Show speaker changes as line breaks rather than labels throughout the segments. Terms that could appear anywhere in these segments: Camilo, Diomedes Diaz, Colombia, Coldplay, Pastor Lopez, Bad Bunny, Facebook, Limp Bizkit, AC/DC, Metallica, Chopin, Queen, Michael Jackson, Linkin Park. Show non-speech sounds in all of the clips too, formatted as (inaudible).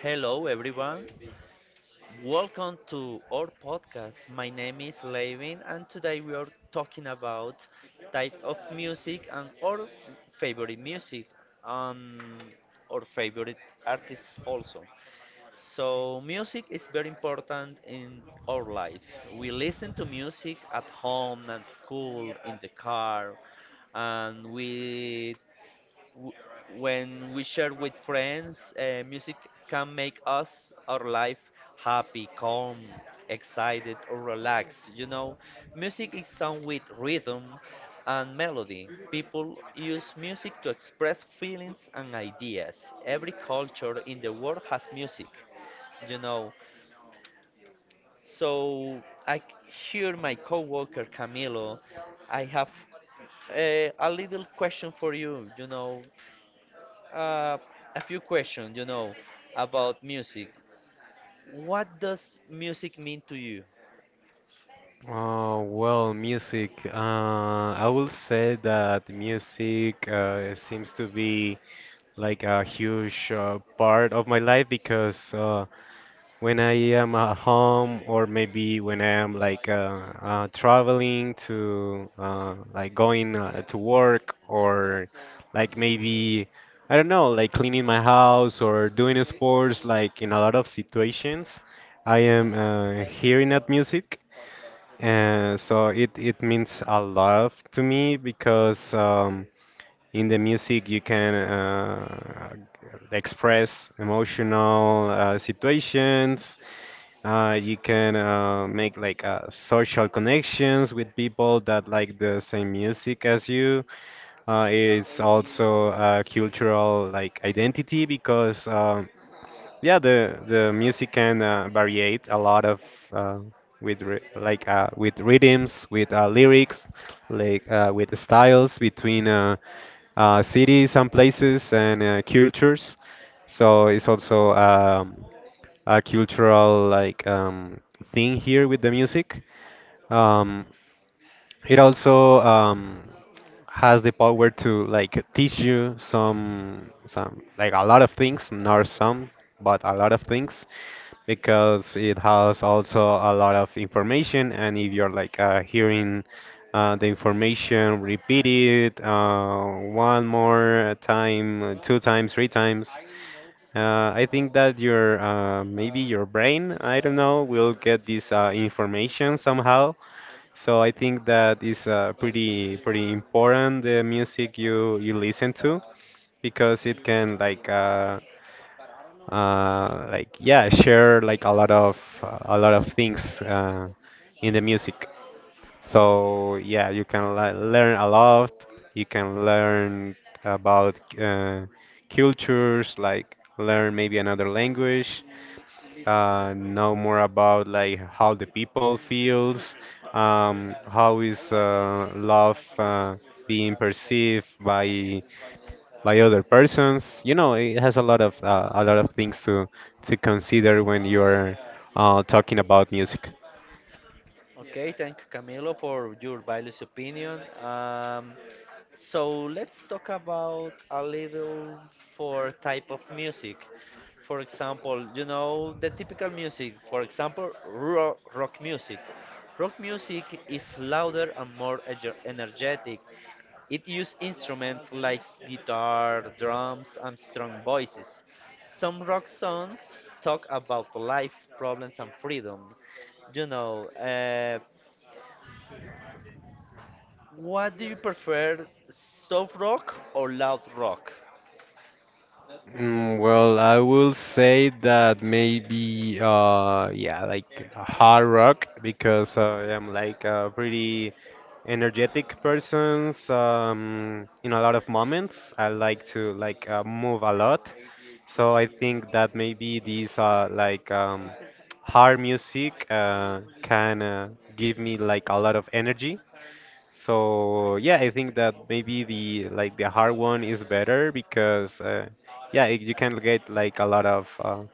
Hello, everyone. Welcome to our podcast. My name is Levin, and today we are talking about type of music and our favorite music and our favorite artists also. So, music is very important in our lives. We listen to music at home, at school, in the car, and w- when we share with friends, music can make us our life happy, calm, excited, or relaxed. You know, music is sung with rhythm and melody. People use music to express feelings and ideas. Every culture in the world has music. You know, so I c- hear my coworker Camilo. I have a little question for you. Uh, a few questions, you know, about music. What does music mean to you?
Am at home or maybe when I am traveling to like going to work or like maybe I don't know like cleaning my house or doing sports like in a lot of situations I am hearing that music. And so it means a lot to me because in the music you can express emotional situations. You can make like social connections with people that like the same music as you. It's also a cultural like identity because yeah, the music can variate a lot of uh, with rhythms, with lyrics, with styles between cities and places and cultures. So it's also a cultural like thing here with the music. Um, it also has the power to like teach you some like a lot of things, not some, but a lot of things, because it has also a lot of information. And if you're like hearing the information repeated one more time, two times, three times, I think that your maybe your brain, I don't know, will get this information somehow. So I think that is pretty important, the music you listen to, because it can yeah share like a lot of things in the music
Okay, thank you, Camilo, for your valuable opinion. So let's talk about a little for type of music. For example, you know, the typical music, for example, rock, rock music. Rock music is louder and more energetic. It used instruments like guitar, drums, and strong voices. Some rock songs talk about life, problems, and freedom. You know, uh, what do you prefer, soft rock or loud rock?
a lot. So I think that maybe these hard music can give me like a lot of energy. So yeah, I think that maybe the like the hard one is better because yeah, it, you can get like a lot of uh,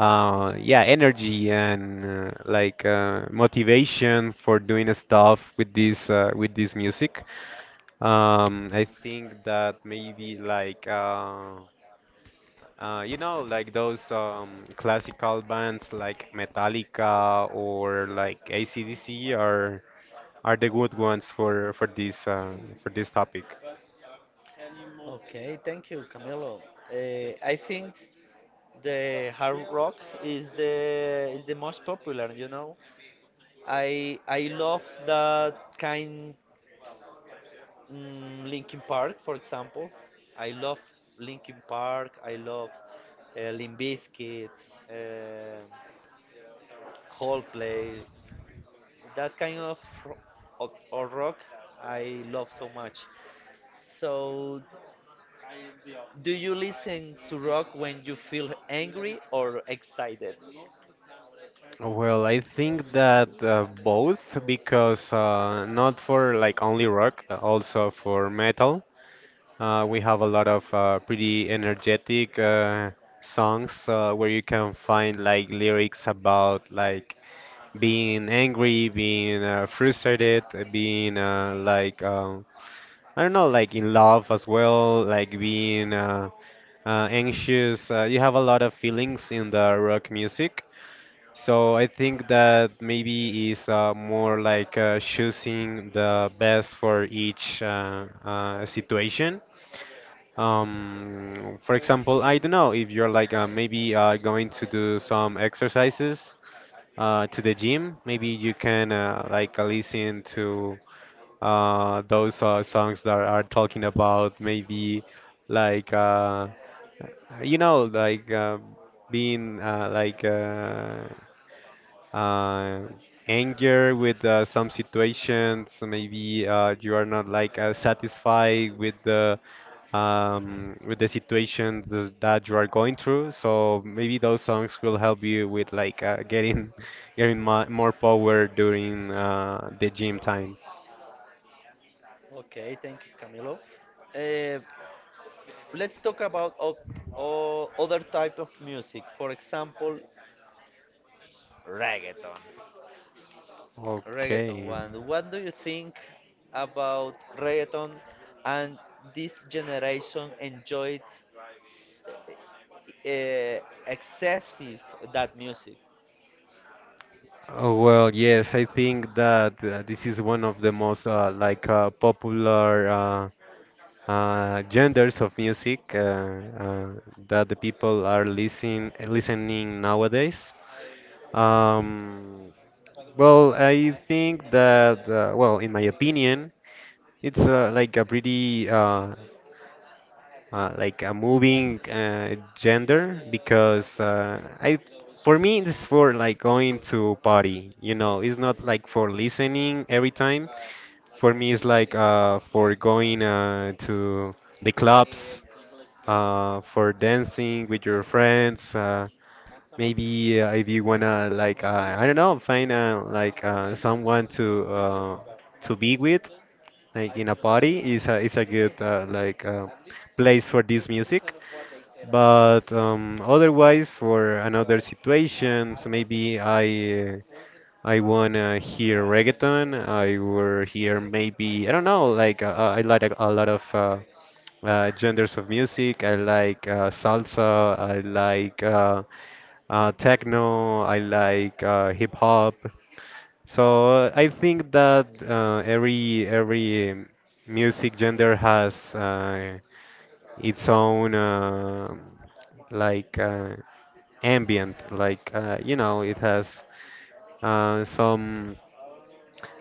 uh, yeah energy and motivation for doing stuff with this music. I think that maybe you know like those classical bands like Metallica or like AC/DC are the good ones for this for this topic.
Okay, thank you, Camilo. I think the hard rock is the most popular. You know, I love that kind. Mm, Linkin Park, for example. I love Linkin Park. I love Limp Bizkit, uh, Coldplay. That kind of, ro- of or rock I love so much. So, do you listen to rock when you feel angry or excited?
Both, because not for like only rock, also for metal. We have a lot of pretty energetic songs where you can find like lyrics about like being angry, being frustrated, being I don't know, like in love as well, like being anxious. You have a lot of feelings in the rock music. So I think that maybe is more like choosing the best for each situation. For example, I don't know if you're like maybe going to do some exercises to the gym. Maybe you can listen to those songs that are talking about maybe like uh, you know like uh, being like. Uh, Anger with some situations. Maybe you are not like satisfied with the situation that you are going through. So maybe those songs will help you with like getting (laughs) getting mo more power during the gym time.
Okay, thank you, Camilo. Uh, let's talk about other type of music. For example, reggaeton. Reggaeton
Okay.
one. What do you think about reggaeton and this generation enjoyed uh, excessive that music?
Oh, well, yes, I think that this is one of the most popular genders of music uh, that the people are listening nowadays. Um, well, I think that, well, in my opinion, it's like a pretty, like a moving gender because I, for me, it's for like going to party. You know, it's not like for listening every time. For me, it's like for going to the clubs for dancing with your friends. Maybe if you wanna like I don't know, find someone to be with, like in a party, is a good place for this music. But otherwise, for another situations, maybe I. I wanna hear reggaeton. I will hear maybe I don't know, like I like a lot of genders of music. I like salsa, I like techno, I like hip hop. So I think that every music gender has its own like uh, ambient, you know, it has some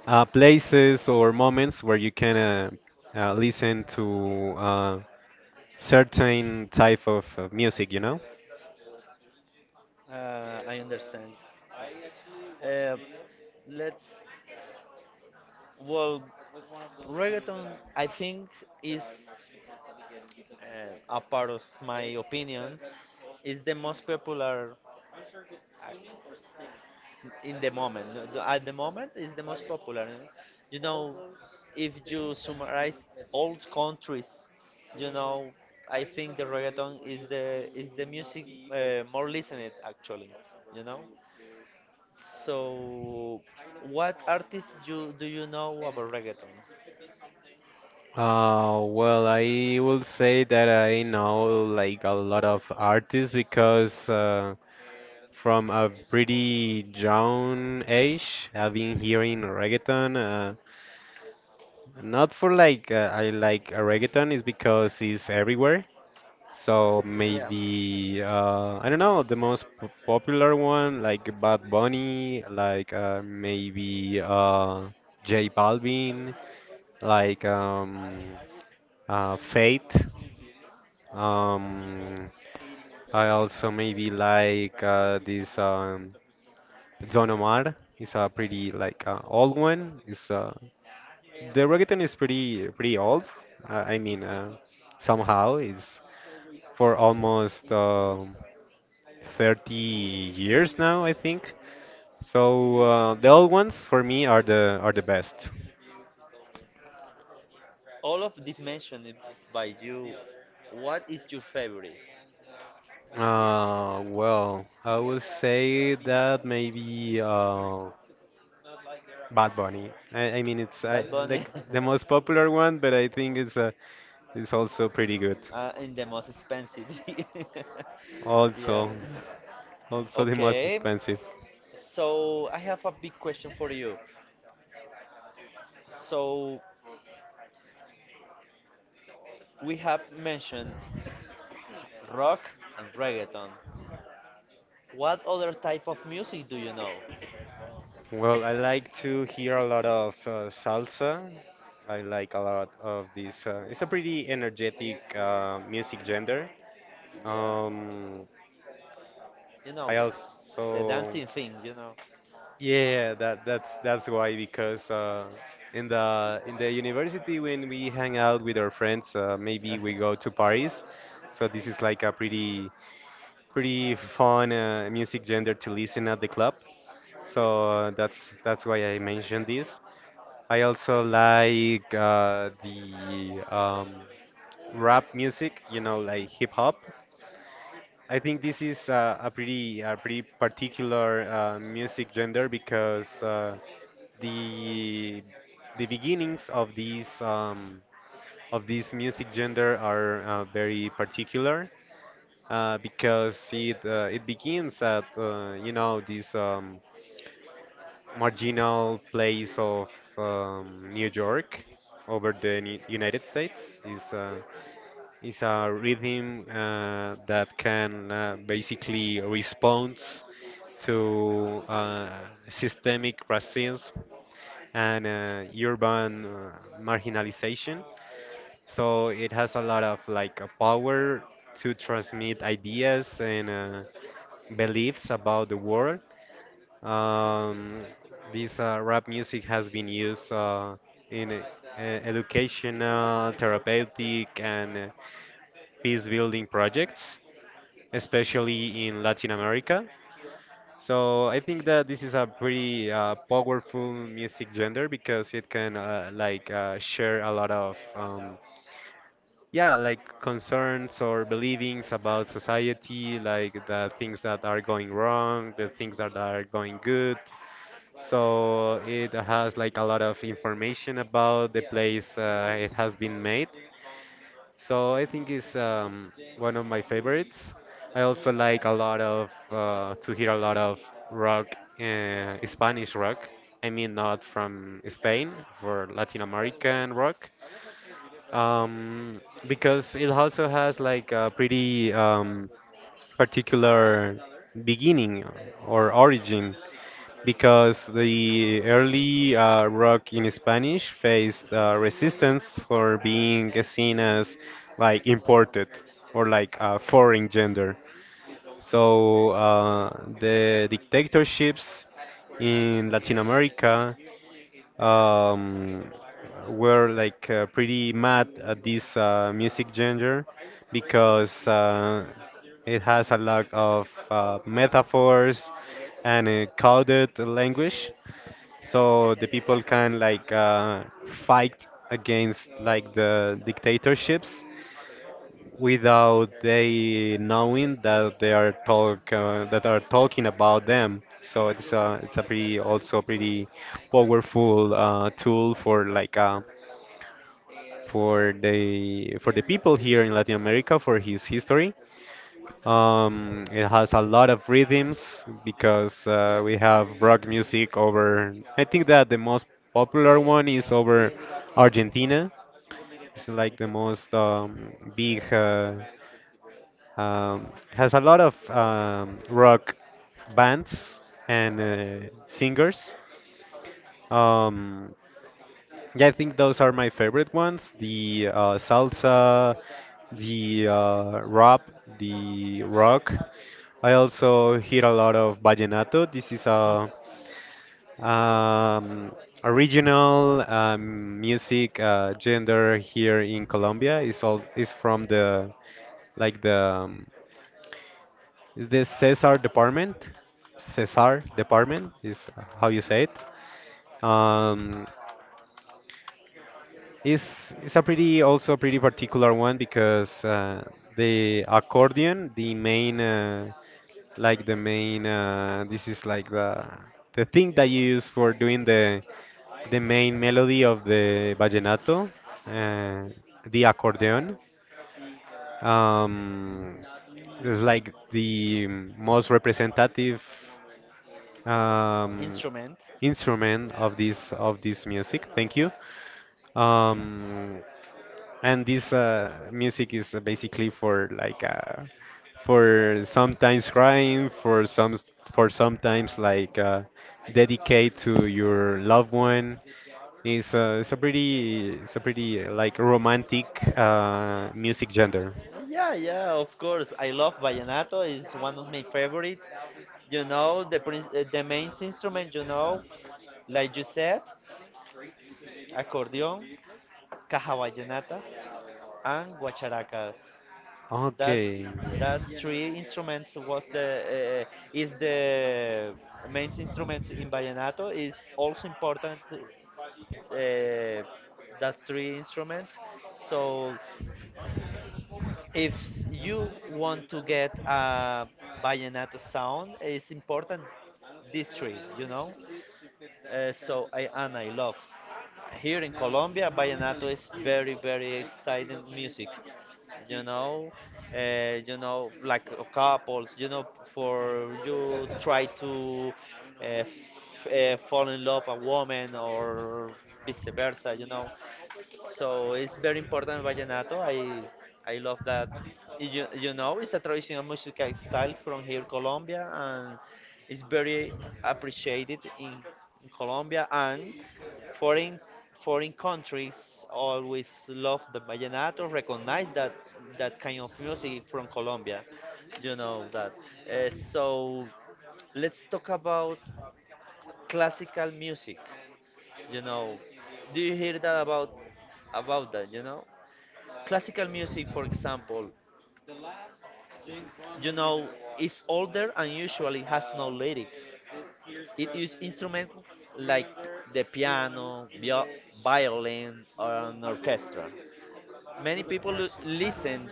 places or moments where you can listen to. Certain type of music, you know,
I understand. Uh, let's well, reggaeton. I think is uh, a part of my opinion is the most popular in the moment. No, at the moment, is the most popular. And, you know, if you summarize old countries, you know, I think the reggaeton is the music more listened actually. You know. So, what artists you do you know about reggaeton?
uh,
Yeah, all of the mentioned it by you. What is your favorite? Bad Bunny, (laughs) and the most expensive. (laughs) Yeah. Okay, so I have a big question for you. So we have mentioned rock and reggaeton. What other type of music do you know? Yeah, you know the dancing thing, you know.
rap music, you know, like hip hop. I think this is a pretty particular music gender because the the beginnings of these of this music gender are very particular because it begins at you know this. Marginal place of New York over the United States is a rhythm that can basically responds to systemic racism and urban marginalization. So it has a lot of like a power to transmit ideas and beliefs about the world. um, this rap music has been used in educational, therapeutic, and peace building projects, especially in Latin America. So I think that this is a pretty powerful music genre because it can share a lot of yeah like concerns or believings about society, like the things that are going wrong, the things that are for the people here in Latin America for his history. It has a lot of rhythms because we have rock music over. I think that the most popular one is over Argentina, like the most big. Um, has a lot of rock bands and singers. Um, I think those are my favorite ones: the salsa, the rap, the rock. I also hear a lot of vallenato.
(laughs)
Um, Original music gender here in Colombia is all is from the like the Cesar department, Cesar department, the, uh, the used from the of the budget.
Instrument. Yeah, yeah, of course. I love vallenato. It's one of my favorite. You know, the main instrument, you know, like you said, accordion, caja vallenata, and guacharaca. That's
Okay.
that three instruments was the is the main instruments in vallenato. Is also important that's three instruments. So if you want to get a vallenato sound, it's important these three, you know. So I love. Here in Colombia, vallenato is very very exciting music, you know. You know, couples, you know, for you try to fall in love a woman or vice versa, you know. So it's very important vallenato. I love that. You know, it's a traditional musical style from here, Colombia, and it's very appreciated in Colombia and foreign foreign countries. Always love the vallenato, recognize that that kind of music from Colombia. You know that. So let's talk about classical music. You know, do you hear that about that? You know. Classical music, for example, you know, is older and usually has no lyrics. It uses instruments like the piano, violin, or an orchestra. Many people listen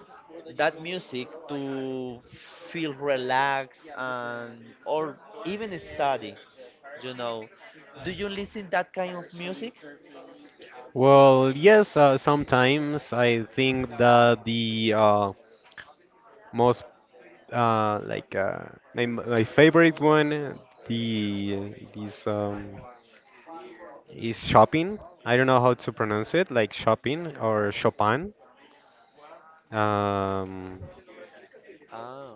that music to feel relaxed and or even study. You know, do you listen that kind of music?
Well, yes. Sometimes I think that the most uh, like uh, my my favorite one, the this is shopping. I don't know how to pronounce it, like shopping or Chopin. Um,
Ah,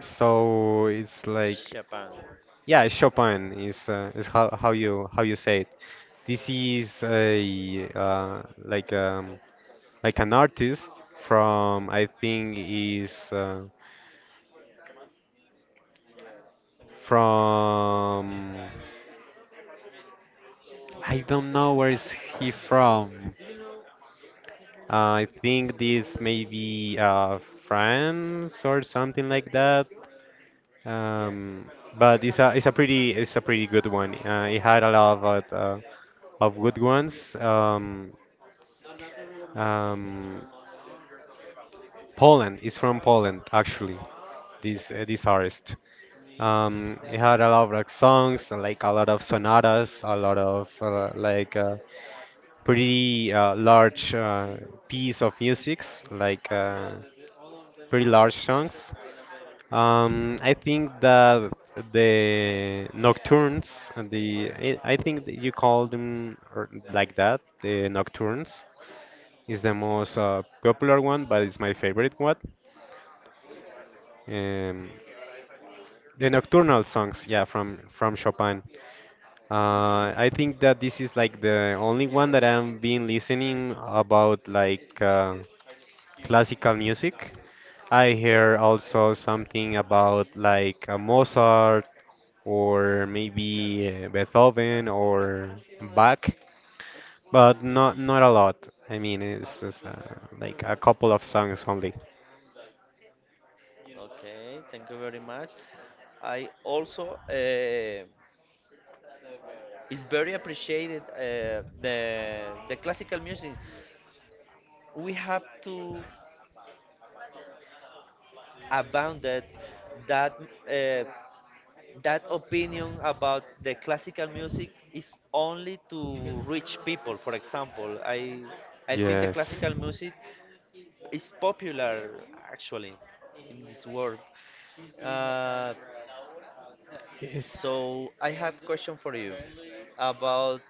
so it's like
Japan.
yeah, Chopin is how you say it. This is a like an artist from I think is from I don't know where is he from. I think this may be France or something like that. Um, but it's a pretty good one. It had a lot of good ones. Um, Poland is from Poland, actually. This artist. He had a lot of like, songs, and, like a lot of sonatas, a lot of pretty large piece of musics, like pretty large songs. I think that the nocturnes, and I think that you call them or like that, the nocturnes. It's the most popular one, but it's my favorite one. Um, the nocturnal songs, yeah, from Chopin. I think that this is
Okay, thank you very much. I also is very appreciated the classical music. We have to abound that that uh, that opinion about the classical music is only to rich people. For example, I think the
yes.
classical music is popular actually in this world. Uh, So I have question for you about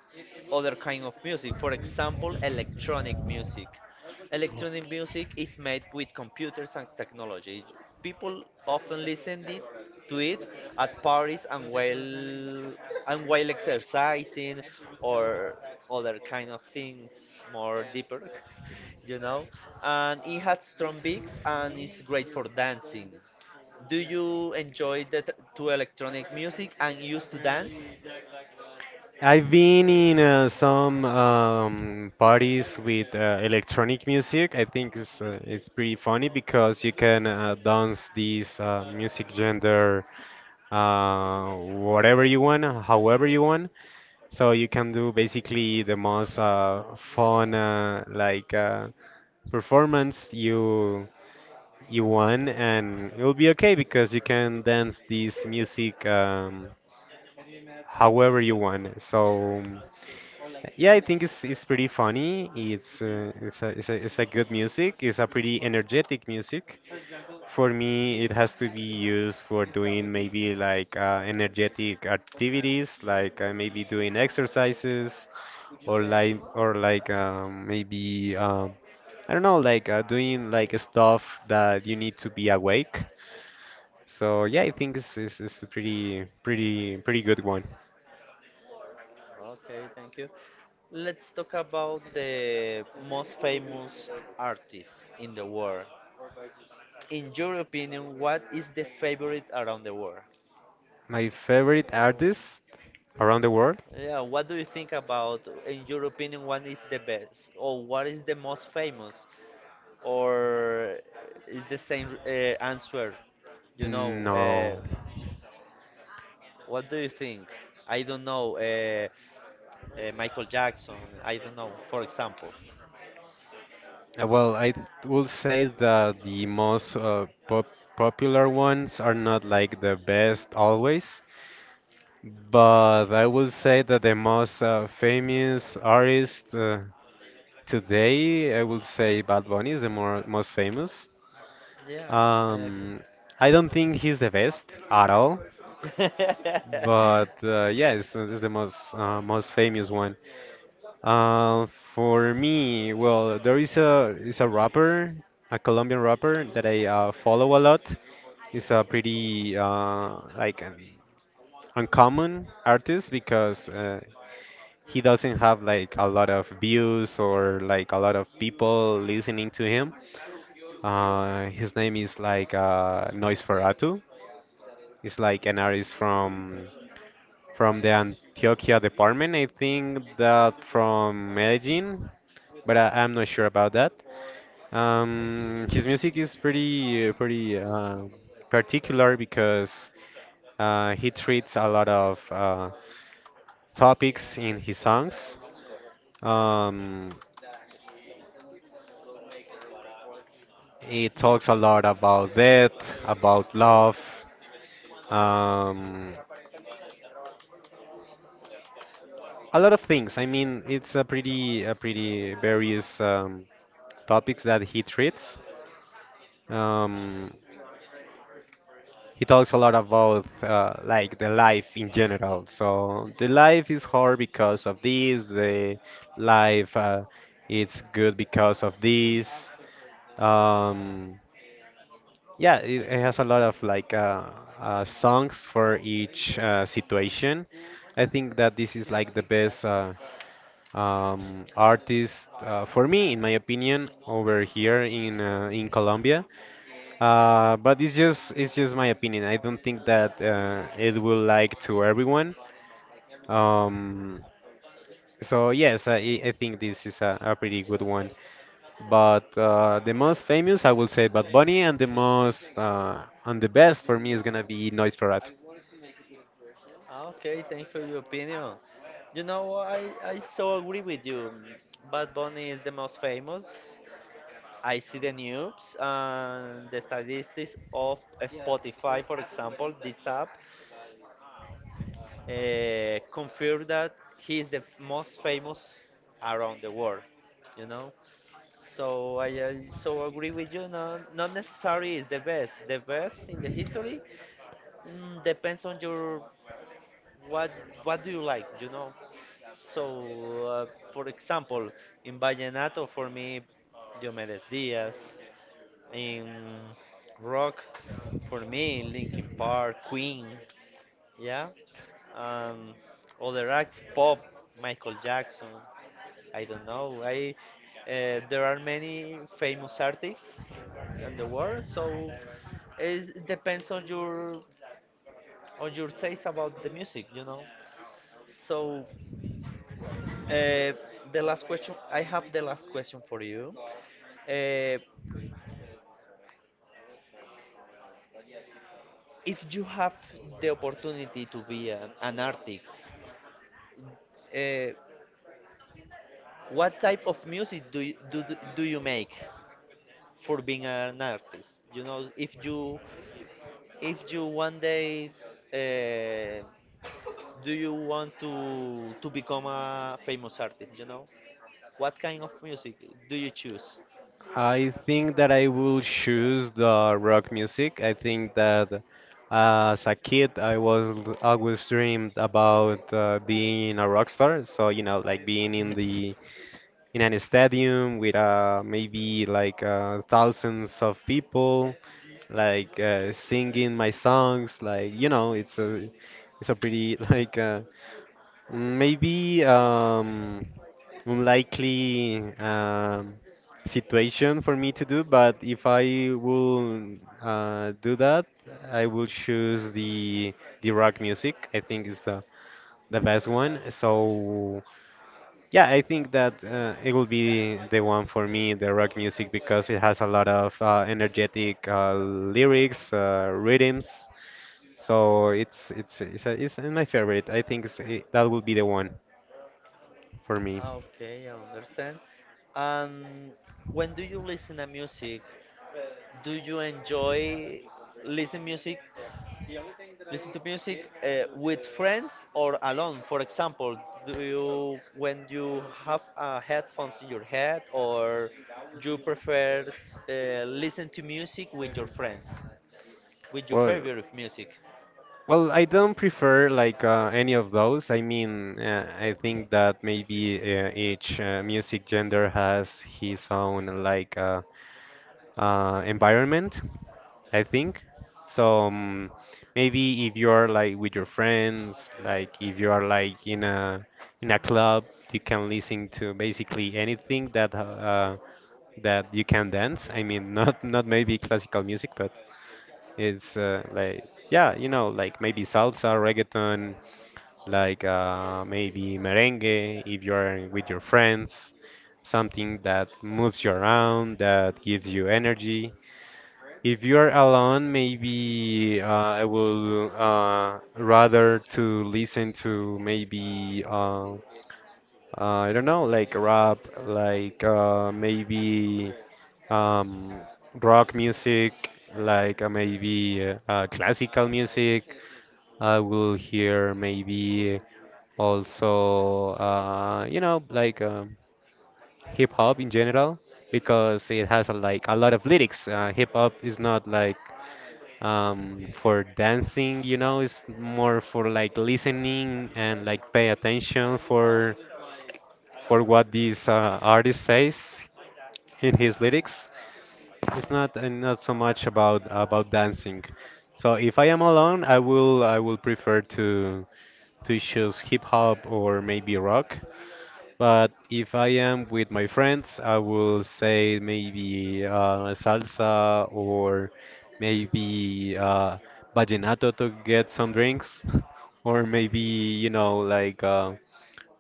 other kind of music. For example, electronic music. Electronic music is made with computers and technology. People often to it at parties and while exercising or other kind of things more deeper, (laughs) you know. And it has strong beats and it's great for dancing. Do you enjoy the to electronic music and used to dance?
I've been in some parties with electronic music. I think it's pretty funny because you can dance this music gender whatever you want, however you want. So you can do basically the most fun like or like maybe I don't know like doing like stuff that you need to be awake. So yeah, I think this is a pretty good one.
Okay, thank you. Let's talk about the most famous artists in the world. In your opinion, what is the favorite around the world?
My favorite artist around the world,
Yeah, what do you think about, in your opinion, what is the best? Or what is the most famous? Or is the same answer, you know? What do you think? I don't know. Michael Jackson. I don't know. For example. Yeah, I agree. (laughs) Okay, thanks for your opinion. You know, I so agree with you. Bad Bunny is the most famous. I see the news and the statistics of Spotify, for example, this app confirmed that he is the most famous around the world, you know. So I so agree with you. No, not necessarily is the best. The best in the history mm, depends on your what what do you like, you know. So for example, in vallenato for me, Diomedes Diaz. In rock for me, Linkin Park, Queen. Yeah. Um, other act, pop, Michael Jackson. I don't know. I there are many famous artists in the world, so it depends on your taste about the music, you know. So uh, I have the last question for you. Uh, if you have the opportunity to be an artist, uh, what type of music do you make? For being an artist. You know, if you one day uh, do you want to become a famous artist, you know, what kind of music do you choose? (laughs)
in the in an stadium with maybe like thousands of people like singing my songs like you know it's a pretty (laughs) maybe unlikely situation for me to do, but if I will do that, I will choose the rock music. I think is the best one. So yeah, I think that it will be the one for me, the rock music, because it has a lot of energetic lyrics, rhythms. So it's my favorite. I think it's, it, that will be the one for me.
Okay, I understand. And when do you listen to music? Do you enjoy listen music listen to music with friends or alone, for example? Do you when you have headphones in your head, or you prefer listen to music with your friends with your favorite music?
Well, I don't prefer like I think that maybe each music gender has I think. So maybe if you are like with your friends, like if you are like in a club, you can listen to basically anything that that you can dance. I mean, (laughs) not not maybe classical music, but it's like yeah, you know, like maybe salsa, reggaeton, maybe merengue if you are with your friends. Something that moves you around, that gives you energy. If you are alone, maybe I will rather to listen to maybe I don't know, like rap, maybe um, rock music, maybe classical music. I will hear maybe also you know like hip hop in general because it has a, like a lot of lyrics. Hip hop is not like for dancing, you know, it's more for like listening and like pay attention for what this artist says in his lyrics. It's not not so much about dancing. So if I am alone, I will prefer to choose hip hop or maybe rock. But if I am with my friends, I will say maybe salsa or maybe vallenato to get some drinks, (laughs) or maybe you know like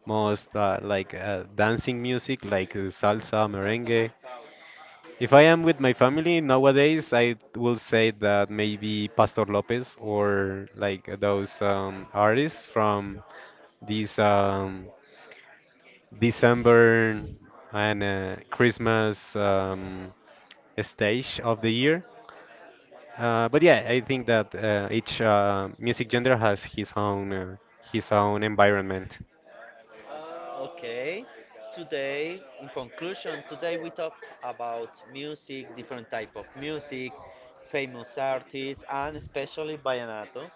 most dancing music like salsa, merengue. If I am with my family nowadays, I will say that maybe Pastor Lopez or like those artists from these December and Christmas stage of the year. But yeah, I think that each music genre has his own environment,
Okay, today, in conclusion, today we talked about music, different type of music, famous artists, and especially vallenato.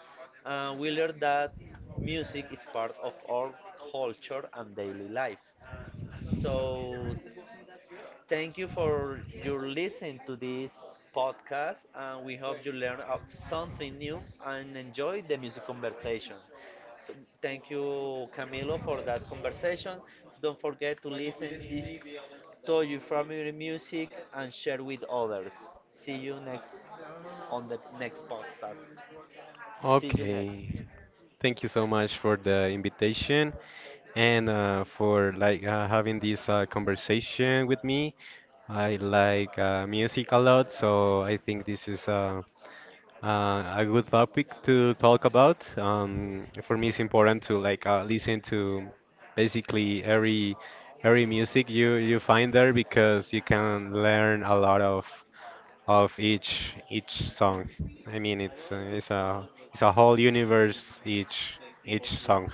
We learned that music is part of our culture and daily life. So thank you for your listen to this podcast, and we hope you learn up something new and enjoy the music conversation. So, thank you, Camilo, for that conversation. Don't forget to to your family music and share with others. See you next on the next podcast. See you next.
because you can learn a lot of each song. I mean, it's a whole universe each song.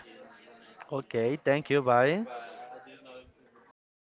Okay, thank you. Bye.